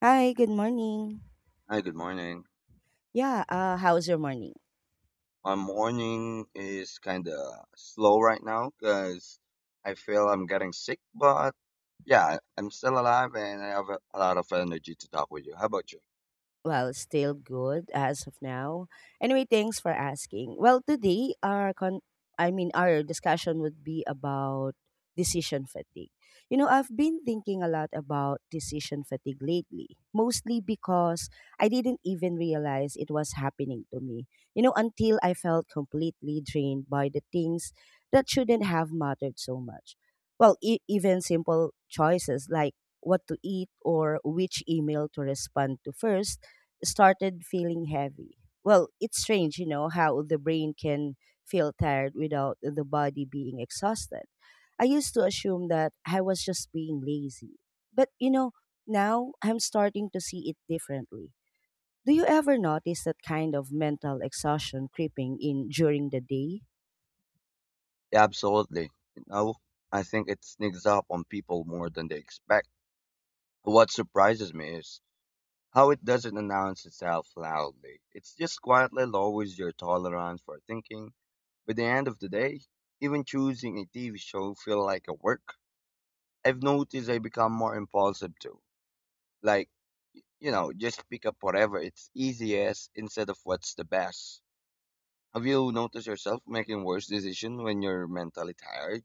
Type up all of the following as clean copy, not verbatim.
Hi, good morning. Hi, good morning. Yeah, how's your morning? My morning is kind of slow right now because I feel I'm getting sick, but yeah, I'm still alive and I have a lot of energy to talk with you. How about you? Still good as of now. Anyway, thanks for asking. Well, today our con I mean our discussion would be about decision fatigue. You know, I've been thinking a lot about decision fatigue lately, mostly because I didn't even realize it was happening to me. You know, until I felt completely drained by the things that shouldn't have mattered so much. Well, even simple choices like what to eat or which email to respond to first started feeling heavy. Well, it's strange, you know, how the brain can feel tired without the body being exhausted. I used to assume that I was just being lazy. But, you know, now I'm starting to see it differently. Do you ever notice that kind of mental exhaustion creeping in during the day? Yeah, absolutely. You know, I think it sneaks up on people more than they expect. What surprises me is how it doesn't announce itself loudly. It just quietly lowers your tolerance for thinking. By the end of the day, even choosing a TV show feel like a work. I've noticed I become more impulsive too. Like, you know, just pick up whatever it's easiest instead of what's the best. Have you noticed yourself making worse decisions when you're mentally tired?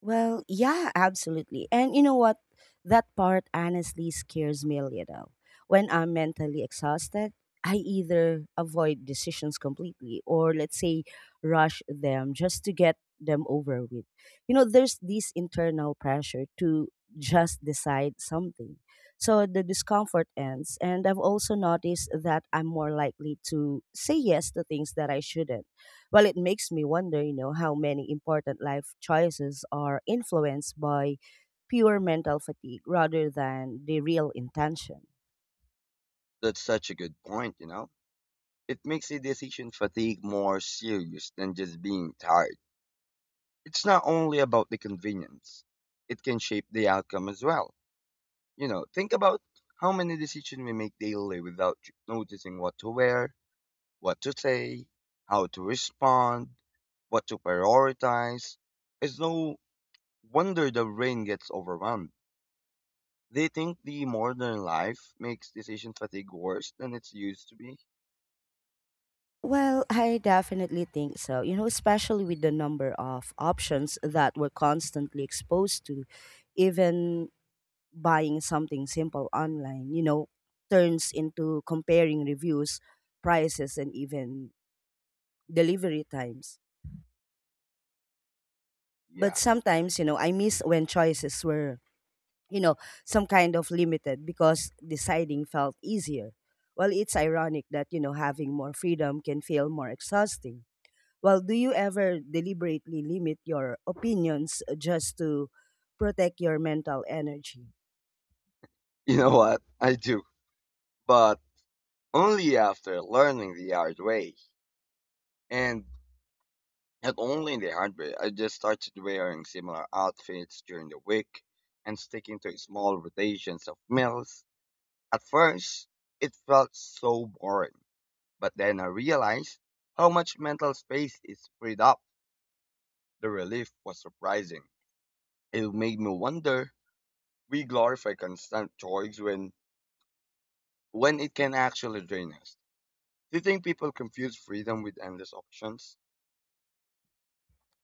Well, yeah, absolutely. And you know what? That part honestly scares me a little. When I'm mentally exhausted, I either avoid decisions completely or, let's say, rush them just to get them over with. You know, there's this internal pressure to just decide something. So the discomfort ends. And I've also noticed that I'm more likely to say yes to things that I shouldn't. Well, it makes me wonder, you know, how many important life choices are influenced by pure mental fatigue rather than the real intention. That's such a good point, you know? It makes a decision fatigue more serious than just being tired. It's not only about the convenience, it can shape the outcome as well. You know, think about how many decisions we make daily without noticing what to wear, what to say, how to respond, what to prioritize. It's no wonder the brain gets overwhelmed. They think the modern life makes decision fatigue worse than it's used to be. Well, I definitely think so, you know, especially with the number of options that we're constantly exposed to, even buying something simple online, you know, turns into comparing reviews, prices, and even delivery times. But Yeah, sometimes, you know, I miss when choices were, you know, some kind of limited because deciding felt easier. Well, it's ironic that, you know, having more freedom can feel more exhausting. Well, do you ever deliberately limit your opinions just to protect your mental energy? you know what? I do. But only after learning the hard way. And not only in the hard way, I just started wearing similar outfits during the week and sticking to small rotations of meals. At first, it felt so boring. But then I realized how much mental space is freed up. The relief was surprising. It made me wonder we glorify constant choice when it can actually drain us. Do you think people confuse freedom with endless options?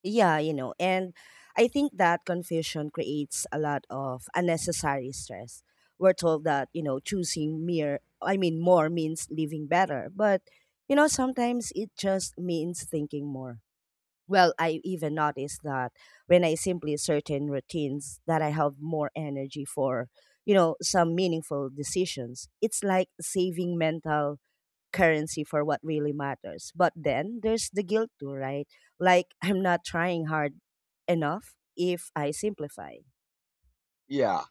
Yeah, you know, and I think that confusion creates a lot of unnecessary stress. We're told that, you know, choosing I mean, more means living better, but, you know, sometimes it just means thinking more. Well, I even noticed that when I simply certain routines that I have more energy for, you know, some meaningful decisions. It's like saving mental currency for what really matters. But then there's the guilt too, right? Like I'm not trying hard enough if I simplify. Yeah,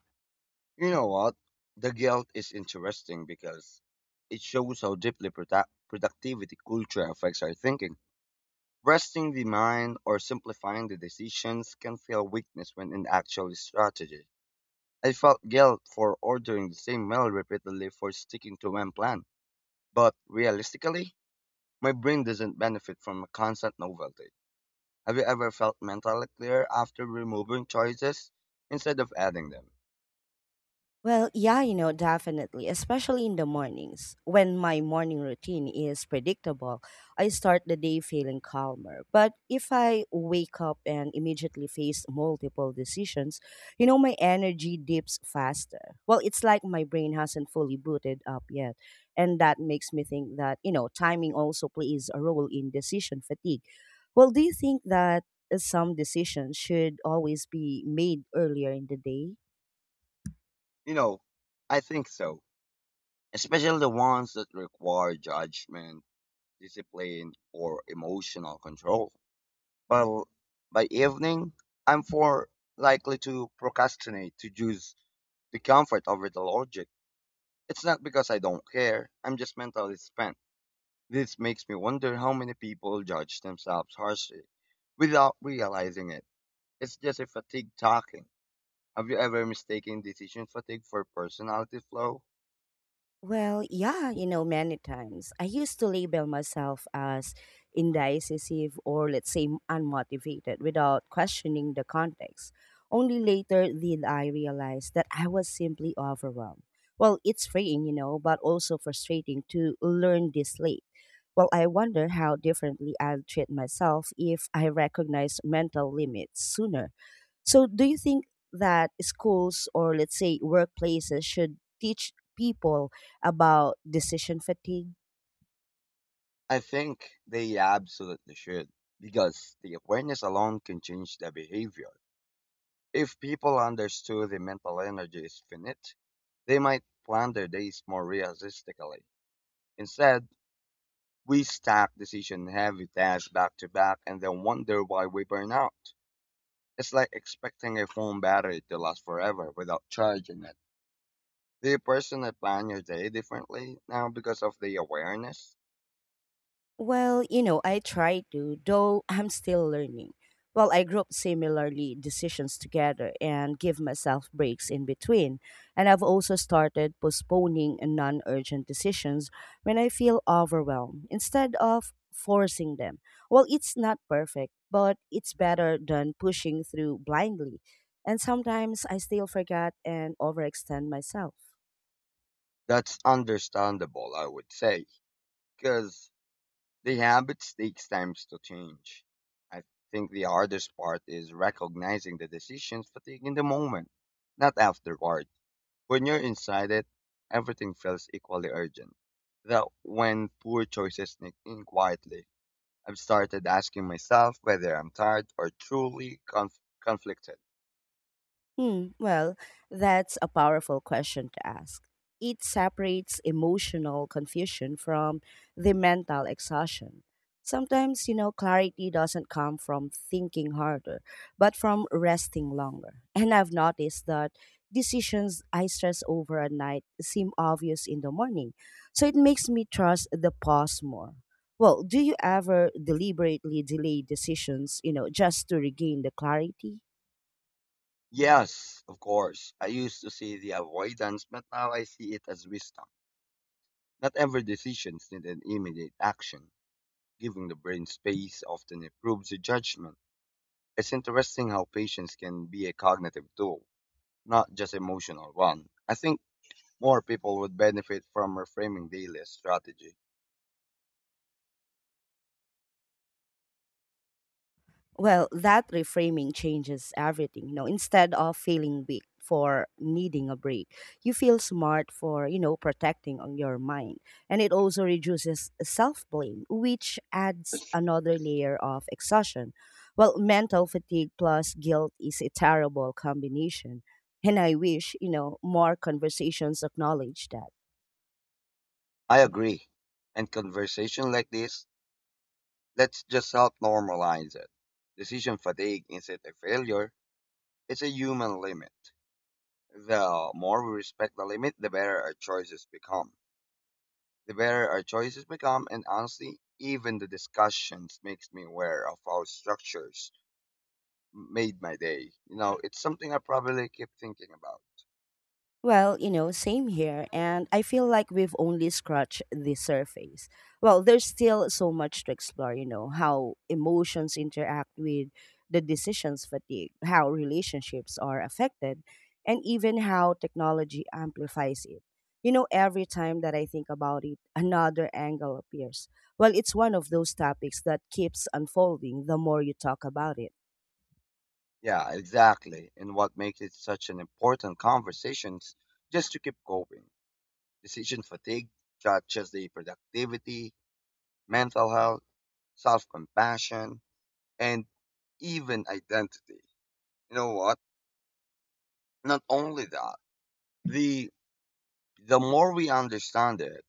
you know what? The guilt is interesting because it shows how deeply productivity culture affects our thinking. Resting the mind or simplifying the decisions can feel weakness when in actual strategy. I felt guilt for ordering the same meal repeatedly for sticking to one plan. But realistically, my brain doesn't benefit from a constant novelty. Have you ever felt mentally clear after removing choices instead of adding them? Well, yeah, you know, definitely, especially in the mornings. When my morning routine is predictable, I start the day feeling calmer. But if I wake up and immediately face multiple decisions, you know, my energy dips faster. Well, it's like my brain hasn't fully booted up yet. And that makes me think that, you know, timing also plays a role in decision fatigue. Well, do you think that some decisions should always be made earlier in the day? You know, I think so. Especially the ones that require judgment, discipline, or emotional control. But by evening, I'm more likely to procrastinate to choose the comfort over the logic. It's not because I don't care. I'm just mentally spent. This makes me wonder how many people judge themselves harshly without realizing it. It's just a fatigue talking. Have you ever mistaken decision fatigue for personality flow? Well, yeah, you know, many times. I used to label myself as indecisive or, let's say, unmotivated without questioning the context. Only later did I realize that I was simply overwhelmed. Well, it's freeing, you know, but also frustrating to learn this late. Well, I wonder how differently I'll treat myself if I recognize mental limits sooner. So, do you think that schools or let's say workplaces should teach people about decision fatigue? I think they absolutely should, because the awareness alone can change their behavior. If people understood the mental energy is finite, they might plan their days more realistically. Instead, we stack decision heavy tasks back to back and then wonder why we burn out. It's like expecting a phone battery to last forever without charging it. Do you personally plan your day differently now because of the awareness? Well, you know, I try to, though I'm still learning. Well, I group similarly decisions together and give myself breaks in between. And I've also started postponing non urgent decisions when I feel overwhelmed instead of forcing them. Well, it's not perfect, but it's better than pushing through blindly. And sometimes I still forget and overextend myself. That's understandable, I would say, because the habits takes time to change. I think the hardest part is recognizing the decisions fatigue in the moment, not afterward. When you're inside it, everything feels equally urgent. That when poor choices sneak in quietly, I've started asking myself whether I'm tired or truly conflicted. Hmm, well, that's a powerful question to ask. It separates emotional confusion from the mental exhaustion. Sometimes, you know, clarity doesn't come from thinking harder, but from resting longer. And I've noticed that decisions I stress over at night seem obvious in the morning. So it makes me trust the pause more. Well, do you ever deliberately delay decisions, you know, just to regain the clarity? Yes, of course, I used to see the avoidance, but now I see it as wisdom. Not every decision needs an immediate action. Giving the brain space often improves the judgment. It's interesting how patience can be a cognitive tool, not just emotional one. I think more people would benefit from reframing daily as strategy. Well, that reframing changes everything. You know, instead of feeling weak for needing a break, you feel smart for, you know, protecting on your mind. And it also reduces self-blame, which adds another layer of exhaustion. Well, mental fatigue plus guilt is a terrible combination. And I wish, you know, more conversations acknowledge that. I agree. And conversation like this, let's just help normalize it. Decision fatigue isn't a failure, it's a human limit. The more we respect the limit, the better our choices become. The better our choices become, and honestly, even the discussions makes me aware of how structures made my day. You know, it's something I probably keep thinking about. Well, you know, same here. And I feel like we've only scratched the surface. Well, there's still so much to explore, you know, how emotions interact with the decisions fatigue, how relationships are affected, and even how technology amplifies it. You know, every time that I think about it, another angle appears. Well, it's one of those topics that keeps unfolding the more you talk about it. Yeah, exactly. And what makes it such an important conversation is just to keep going. Decision fatigue touches the productivity, mental health, self compassion, and even identity. You know what? Not only that, the the more we understand it,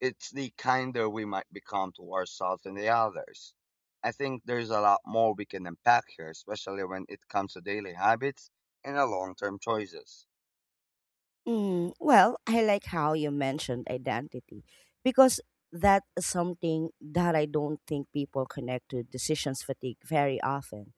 it's the kinder we might become to ourselves and the others. I think there's a lot more we can unpack here, especially when it comes to daily habits and our long term choices. Mm, well, I like how you mentioned identity because that's something that I don't think people connect to decisions fatigue very often.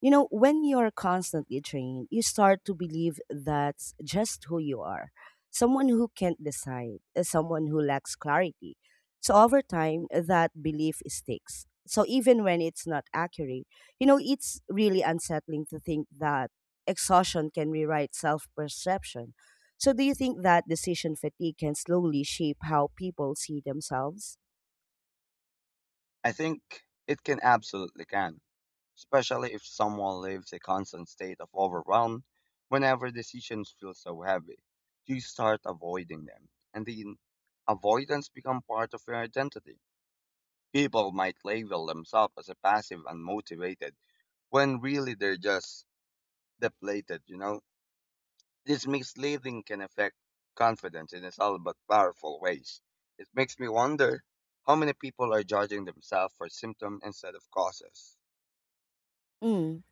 You know, when you're constantly trained, you start to believe that's just who you are, someone who can't decide, someone who lacks clarity. So, over time, that belief sticks. So, even when it's not accurate, you know, it's really unsettling to think that exhaustion can rewrite self perception. So, do you think that decision fatigue can slowly shape how people see themselves? I think it can absolutely can, especially if someone lives a constant state of overwhelm whenever decisions feel so heavy. You start avoiding them, and the avoidance become part of your identity. People might label themselves as a passive and motivated when really they're just depleted, you know? This misleading can affect confidence in subtle but powerful ways. It makes me wonder how many people are judging themselves for symptoms instead of causes. Mm.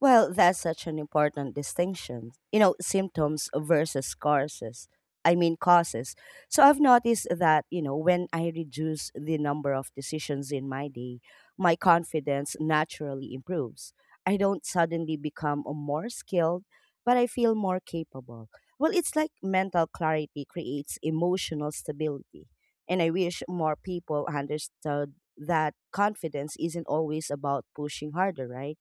Well, that's such an important distinction. You know, symptoms versus causes. So I've noticed that, you know, when I reduce the number of decisions in my day, my confidence naturally improves. I don't suddenly become a more skilled, but I feel more capable. Well, it's like mental clarity creates emotional stability. And I wish more people understood that confidence isn't always about pushing harder, right?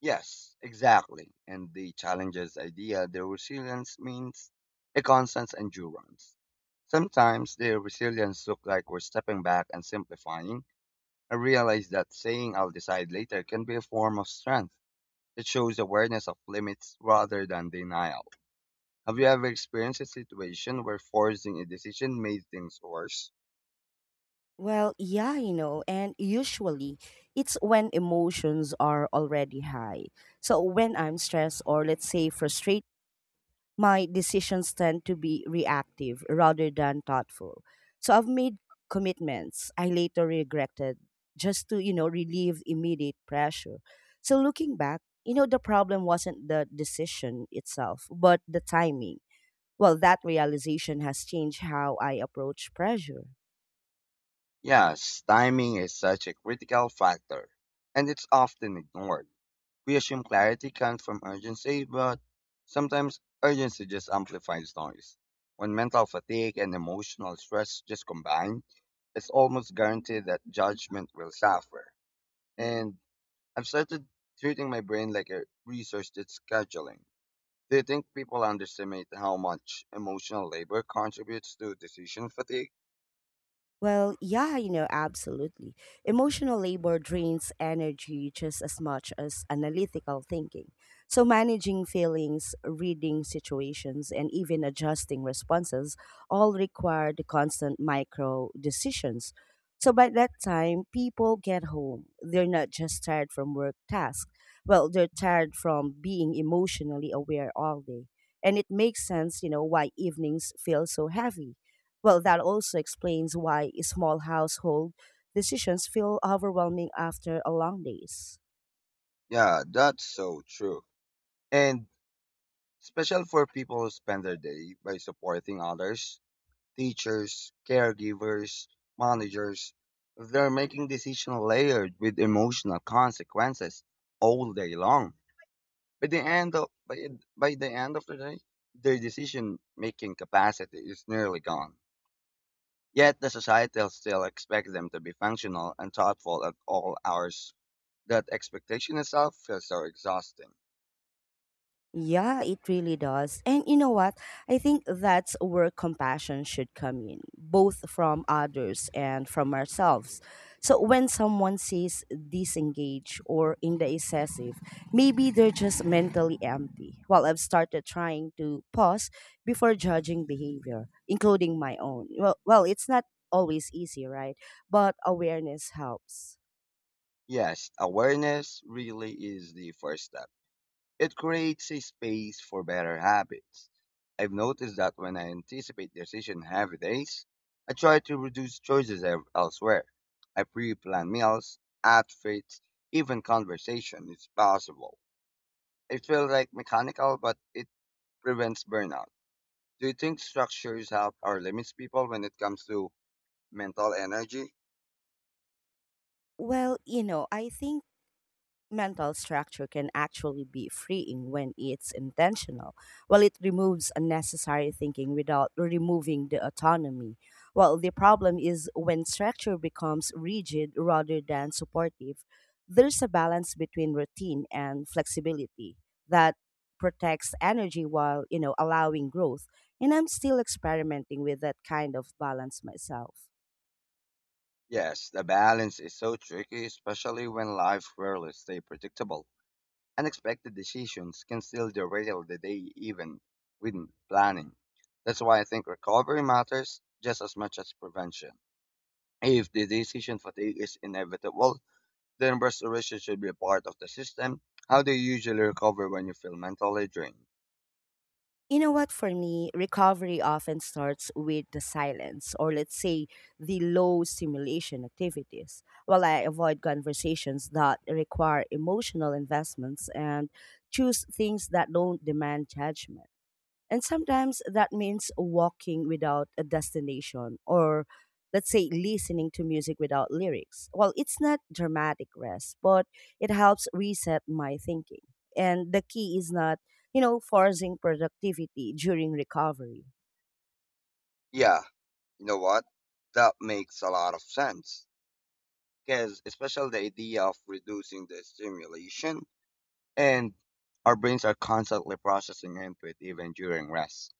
Yes, exactly. And the challenges idea, the resilience means a constant endurance. Sometimes the resilience look like we're stepping back and simplifying. I realize that saying I'll decide later can be a form of strength. It shows awareness of limits rather than denial. Have you ever experienced a situation where forcing a decision made things worse? Well, yeah, you know, and usually it's when emotions are already high. So when I'm stressed or let's say frustrated, my decisions tend to be reactive rather than thoughtful. So I've made commitments I later regretted just to, you know, relieve immediate pressure. So looking back, you know, the problem wasn't the decision itself, but the timing. Well, that realization has changed how I approach pressure. Yes, timing is such a critical factor, and it's often ignored. We assume clarity comes from urgency, but sometimes urgency just amplifies noise. When mental fatigue and emotional stress just combine, it's almost guaranteed that judgment will suffer. And I've started treating my brain like a research did scheduling. Do you think people underestimate how much emotional labor contributes to decision fatigue? Well, yeah, you know, absolutely. Emotional labor drains energy just as much as analytical thinking. So, managing feelings, reading situations, and even adjusting responses all require the constant micro decisions. So, by that time, people get home. They're not just tired from work tasks, well, they're tired from being emotionally aware all day. And it makes sense, you know, why evenings feel so heavy. Well, that also explains why small household decisions feel overwhelming after a long day. Yeah, that's so true. And especially for people who spend their day by supporting others teachers, caregivers, managers. They're making decisions layered with emotional consequences all day long. By the end of by, by the end of the day, their decision making capacity is nearly gone. Yet the society still expects them to be functional and thoughtful at all hours. That expectation itself feels so exhausting. Yeah, it really does. And you know what? I think that's where compassion should come in, both from others and from ourselves. So when someone says disengage or in the excessive, maybe they're just mentally empty. Well, I've started trying to pause before judging behavior, including my own. Well, it's not always easy, right? But awareness helps. Yes, awareness really is the first step. It creates a space for better habits. I've noticed that when I anticipate decision heavy days, I try to reduce choices elsewhere. I pre-plan meals, outfits, even conversation if possible. It feels like mechanical, but it prevents burnout. Do you think structures help or limits people when it comes to mental energy? Well, you know, I think mental structure can actually be freeing when it's intentional, while it removes unnecessary thinking without removing the autonomy. While the problem is when structure becomes rigid rather than supportive, there's a balance between routine and flexibility that protects energy while, you know, allowing growth. And I'm still experimenting with that kind of balance myself. Yes, the balance is so tricky, especially when life rarely stay predictable. Unexpected decisions can still derail the day even with planning. That's why I think recovery matters just as much as prevention. If the decision fatigue is inevitable, then restoration should be a part of the system. How do you usually recover when you feel mentally drained? You know what, for me, recovery often starts with the silence, or let's say the low stimulation activities, while I avoid conversations that require emotional investments and choose things that don't demand judgment. And sometimes that means walking without a destination or let's say listening to music without lyrics. Well, it's not dramatic rest, but it helps reset my thinking. And the key is not, you know, forcing productivity during recovery. Yeah, you know what? That makes a lot of sense. Because especially the idea of reducing the stimulation and our brains are constantly processing input even during rest.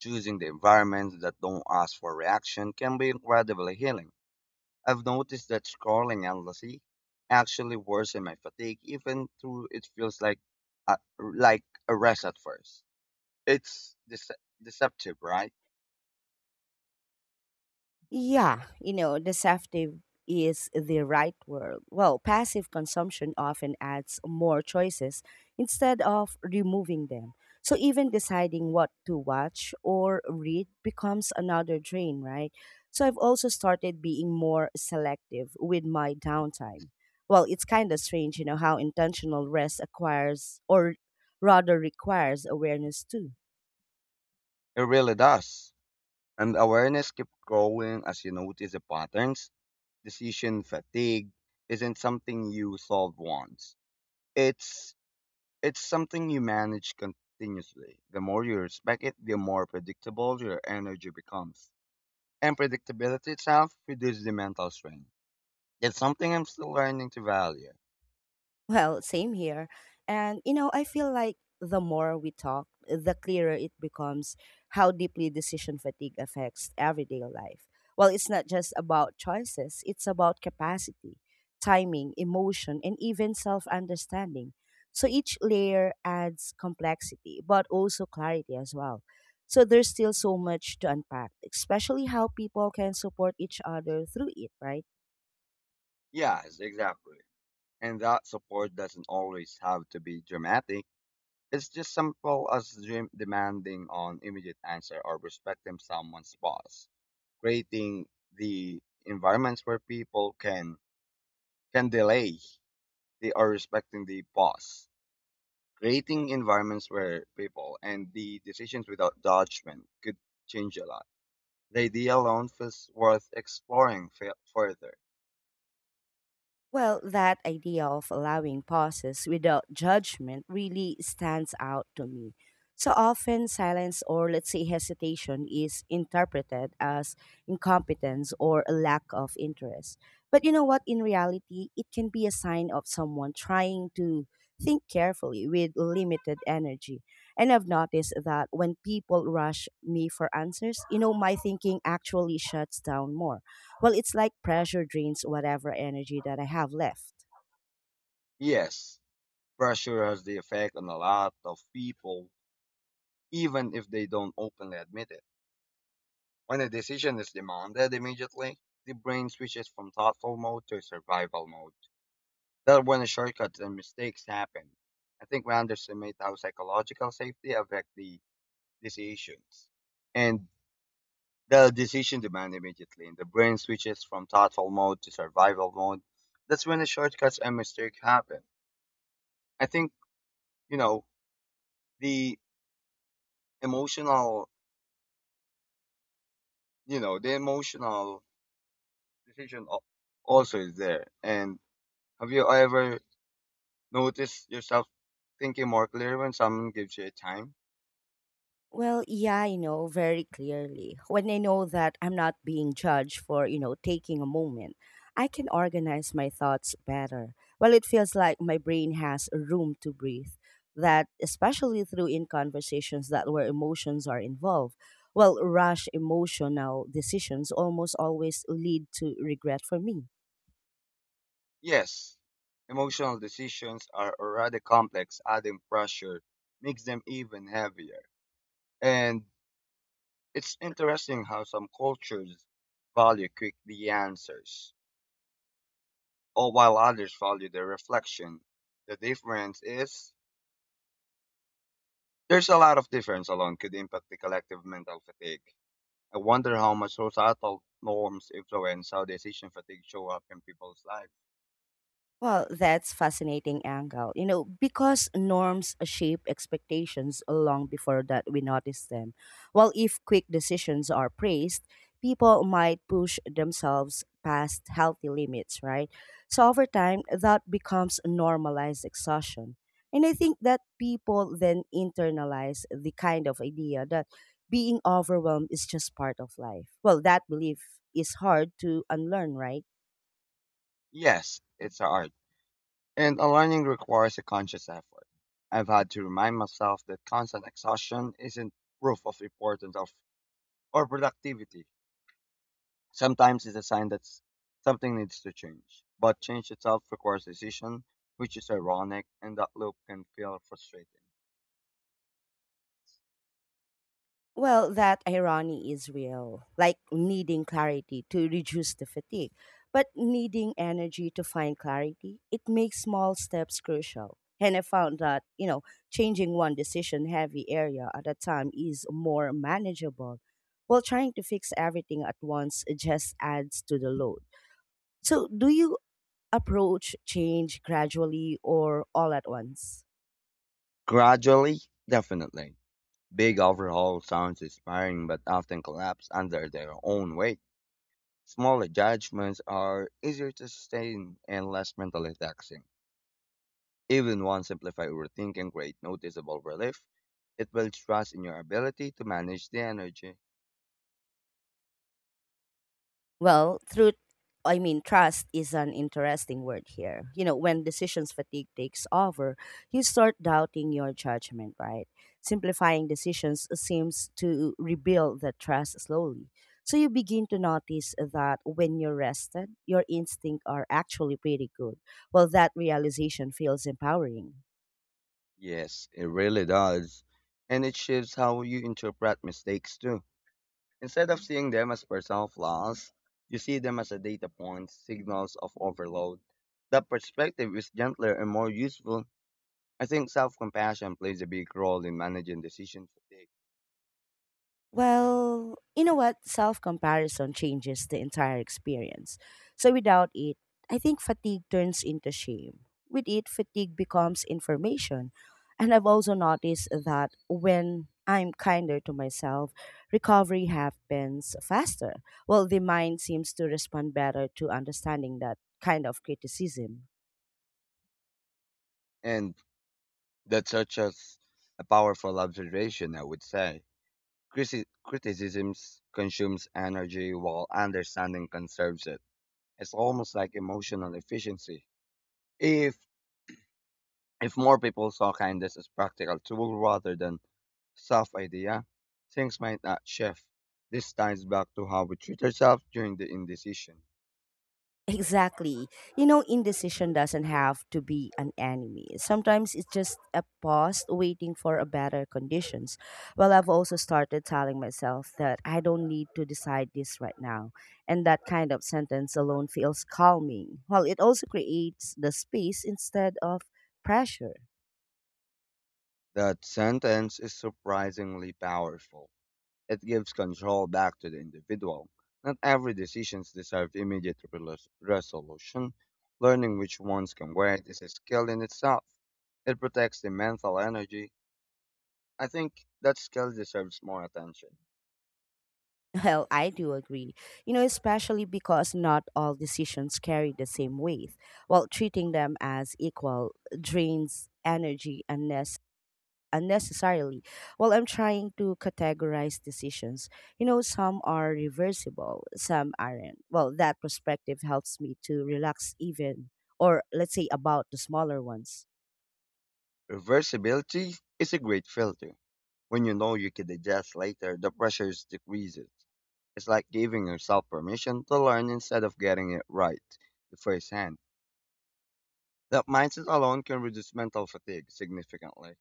Choosing the environments that don't ask for reaction can be incredibly healing. I've noticed that scrolling endlessly actually worsens my fatigue, even though it feels like like a rest at first. It's deceptive, right? Yeah, you know, deceptive is the right word. Well, passive consumption often adds more choices instead of removing them. So even deciding what to watch or read becomes another drain, right? So I've also started being more selective with my downtime. Well, it's kind of strange, you know, how intentional rest acquires or rather requires awareness too. It really does. And awareness keeps growing as you notice the patterns. Decision fatigue isn't something you solve once. It's It's something you manage continuously. The more you respect it, the more predictable your energy becomes. And predictability itself reduces the mental strain. It's something I'm still learning to value. Well, same here. And, you know, I feel like the more we talk, the clearer it becomes how deeply decision fatigue affects everyday life. Well, it's not just about choices, it's about capacity, timing, emotion, and even self understanding. So each layer adds complexity, but also clarity as well. So there's still so much to unpack, especially how people can support each other through it, right? Yes, exactly. And that support doesn't always have to be dramatic. It's just simple as dream demanding an immediate answer or respecting someone's pause, creating the environments where people can delay the, or respecting the pause creating environments where people and the decisions without judgment could change a lot. The idea alone feels worth exploring further. Well, that idea of allowing pauses without judgment really stands out to me. So often, silence or let's say hesitation is interpreted as incompetence or a lack of interest. But you know what? In reality, it can be a sign of someone trying to think carefully with limited energy. And I've noticed that when people rush me for answers, you know, my thinking actually shuts down more. Well, it's like pressure drains whatever energy that I have left. Yes, pressure has the effect on a lot of people, even if they don't openly admit it. When a decision is demanded immediately, the brain switches from thoughtful mode to survival mode. That's when shortcuts and mistakes happen. I think we underestimate how psychological safety affects the decisions. And the decision demand immediately, and the brain switches from thoughtful mode to survival mode. That's when the shortcuts and mistakes happen. I think, you know, the emotional, the emotional decision also is there. And have you ever noticed yourself thinking more clear when someone gives you a time? Well, yeah, I know very clearly. When I know that I'm not being judged for, you know, taking a moment, I can organize my thoughts better. Well, it feels like my brain has room to breathe. That, especially through in conversations that where emotions are involved, well, rash emotional decisions almost always lead to regret for me. Yes. Emotional decisions are already complex, adding pressure makes them even heavier. And it's interesting how some cultures value quick the answers, or while others value the reflection. The difference is there's a lot of difference alone could impact the collective mental fatigue. I wonder how much societal norms influence how decision fatigue show up in people's lives. Well, that's fascinating angle. You know, because norms shape expectations long before that we notice them. While if quick decisions are praised, people might push themselves past healthy limits, right? So over time, that becomes normalized exhaustion. And I think that people then internalize the kind of idea that being overwhelmed is just part of life. Well, that belief is hard to unlearn, right? Yes, it's art, and aligning requires a conscious effort. I've had to remind myself that constant exhaustion isn't proof of importance of or productivity. Sometimes it's a sign that something needs to change, but change itself requires decision, which is ironic, and that loop can feel frustrating. Well, that irony is real, like needing clarity to reduce the fatigue. But needing energy to find clarity, it makes small steps crucial. And I found that, you know, changing one decision heavy area at a time is more manageable, while trying to fix everything at once just adds to the load. So, do you approach change gradually or all at once? Gradually, definitely. Big overhaul sounds inspiring but often collapse under their own weight. Smaller judgments are easier to sustain and less mentally taxing. Even one simplified routine can create noticeable relief. It builds trust in your ability to manage the energy. Well, through, I mean, trust is an interesting word here. You know, when decisions fatigue takes over, you start doubting your judgment, right? Simplifying decisions seems to rebuild the trust slowly. So you begin to notice that when you're rested, your instincts are actually pretty good. Well, that realization feels empowering. Yes, it really does. And it shifts how you interpret mistakes too. Instead of seeing them as personal flaws, you see them as a data point, signals of overload. That perspective is gentler and more useful. I think self compassion plays a big role in managing decision fatigue. Well, you know what? Self comparison changes the entire experience. So without it, I think fatigue turns into shame. With it, fatigue becomes information. And I've also noticed that when I'm kinder to myself, recovery happens faster. Well, the mind seems to respond better to understanding that kind of criticism. And that's such as a powerful observation, I would say. Criticisms consumes energy while understanding conserves it. It's almost like emotional efficiency. If If more people saw kindness as practical tool rather than soft idea, things might not shift. This ties back to how we treat ourselves during the indecision. Exactly. You know, indecision doesn't have to be an enemy. Sometimes it's just a pause waiting for a better conditions. Well, I've also started telling myself that I don't need to decide this right now. And that kind of sentence alone feels calming. Well, it also creates the space instead of pressure. That sentence is surprisingly powerful. It gives control back to the individual. Not every decision deserves immediate resolution. Learning which ones can wait is a skill in itself. It protects the mental energy. I think that skill deserves more attention. Well, I do agree. You know, especially because not all decisions carry the same weight. Well, treating them as equal drains energy unnecessarily while I'm trying to categorize decisions. You know, some are reversible, some aren't. Well, that perspective helps me to relax even, or let's say about the smaller ones. Reversibility is a great filter. When you know you could adjust later, the pressure decreases. It's like giving yourself permission to learn instead of getting it right the first hand. That mindset alone can reduce mental fatigue significantly,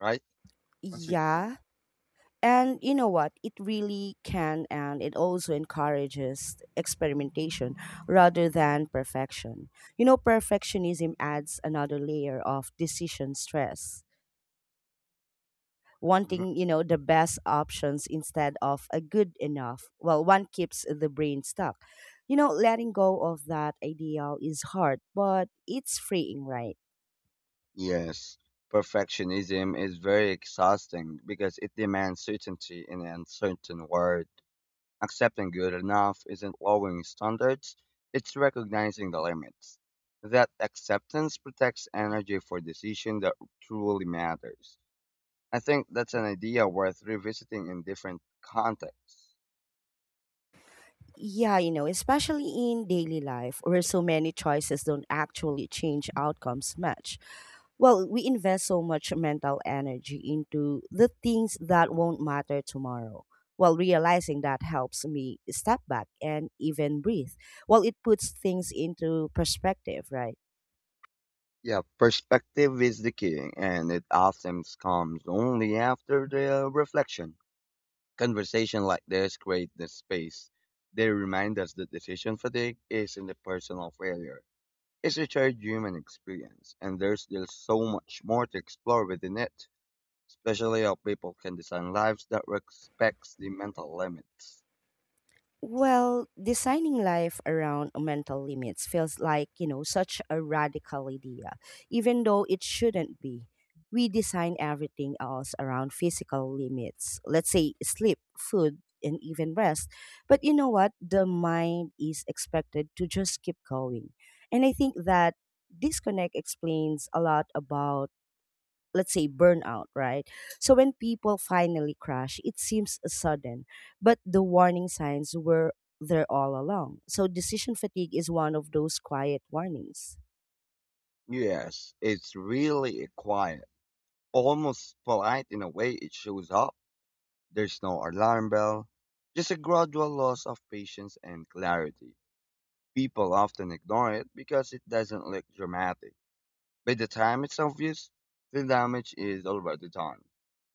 right? What's Yeah. And you know what? It really can, and it also encourages experimentation rather than perfection. You know, perfectionism adds another layer of decision stress Mhm. wanting you know the best options instead of a good enough well one keeps the brain stuck, you know, letting go of that ideal is hard but it's freeing, right? Yes. Perfectionism is very exhausting because it demands certainty in an uncertain world. Accepting good enough isn't lowering standards, it's recognizing the limits. That acceptance protects energy for decision that truly matters. I think that's an idea worth revisiting in different contexts. Yeah, you know, especially in daily life where so many choices don't actually change outcomes much. Well, we invest so much mental energy into the things that won't matter tomorrow. Well, realizing that helps me step back and even breathe. Well, it puts things into perspective, right? Yeah, perspective is the key, and it often comes only after the reflection. Conversation like this create the space. They remind us that decision fatigue isn't a personal failure. It's a shared human experience, and there's still so much more to explore within it, especially how people can design lives that respects the mental limits. Well, designing life around mental limits feels like, you know, such a radical idea, even though it shouldn't be. We design everything else around physical limits, let's say sleep, food, and even rest. But you know what? The mind is expected to just keep going. And I think that disconnect explains a lot about, let's say, burnout, right? So when people finally crash, it seems sudden, but the warning signs were there all along. So decision fatigue is one of those quiet warnings. Yes, it's really a quiet, almost polite in a way it shows up. There's no alarm bell, just a gradual loss of patience and clarity. People often ignore it because it doesn't look dramatic. By the time it's obvious, the damage is already done.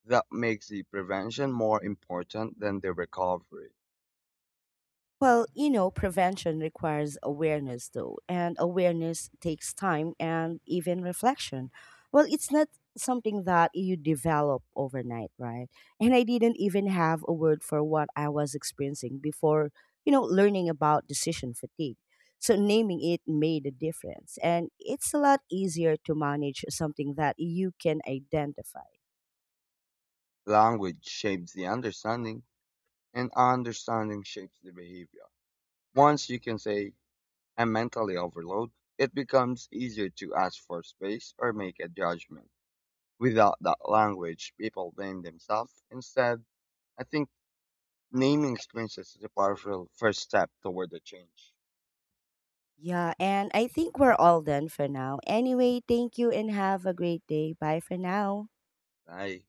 That makes the prevention more important than the recovery. Well, you know, prevention requires awareness, though, and awareness takes time and even reflection. Well, it's not something that you develop overnight, right? And I didn't even have a word for what I was experiencing before, you know, learning about decision fatigue. So naming it made a difference. And it's a lot easier to manage something that you can identify. Language shapes the understanding, and understanding shapes the behavior. Once you can say, I'm mentally overloaded, it becomes easier to ask for space or make a judgment. Without that language, people blame themselves. Instead, I think naming experiences is a powerful first step toward the change. Yeah, and I think we're all done for now. Anyway, thank you and have a great day. Bye for now. Bye.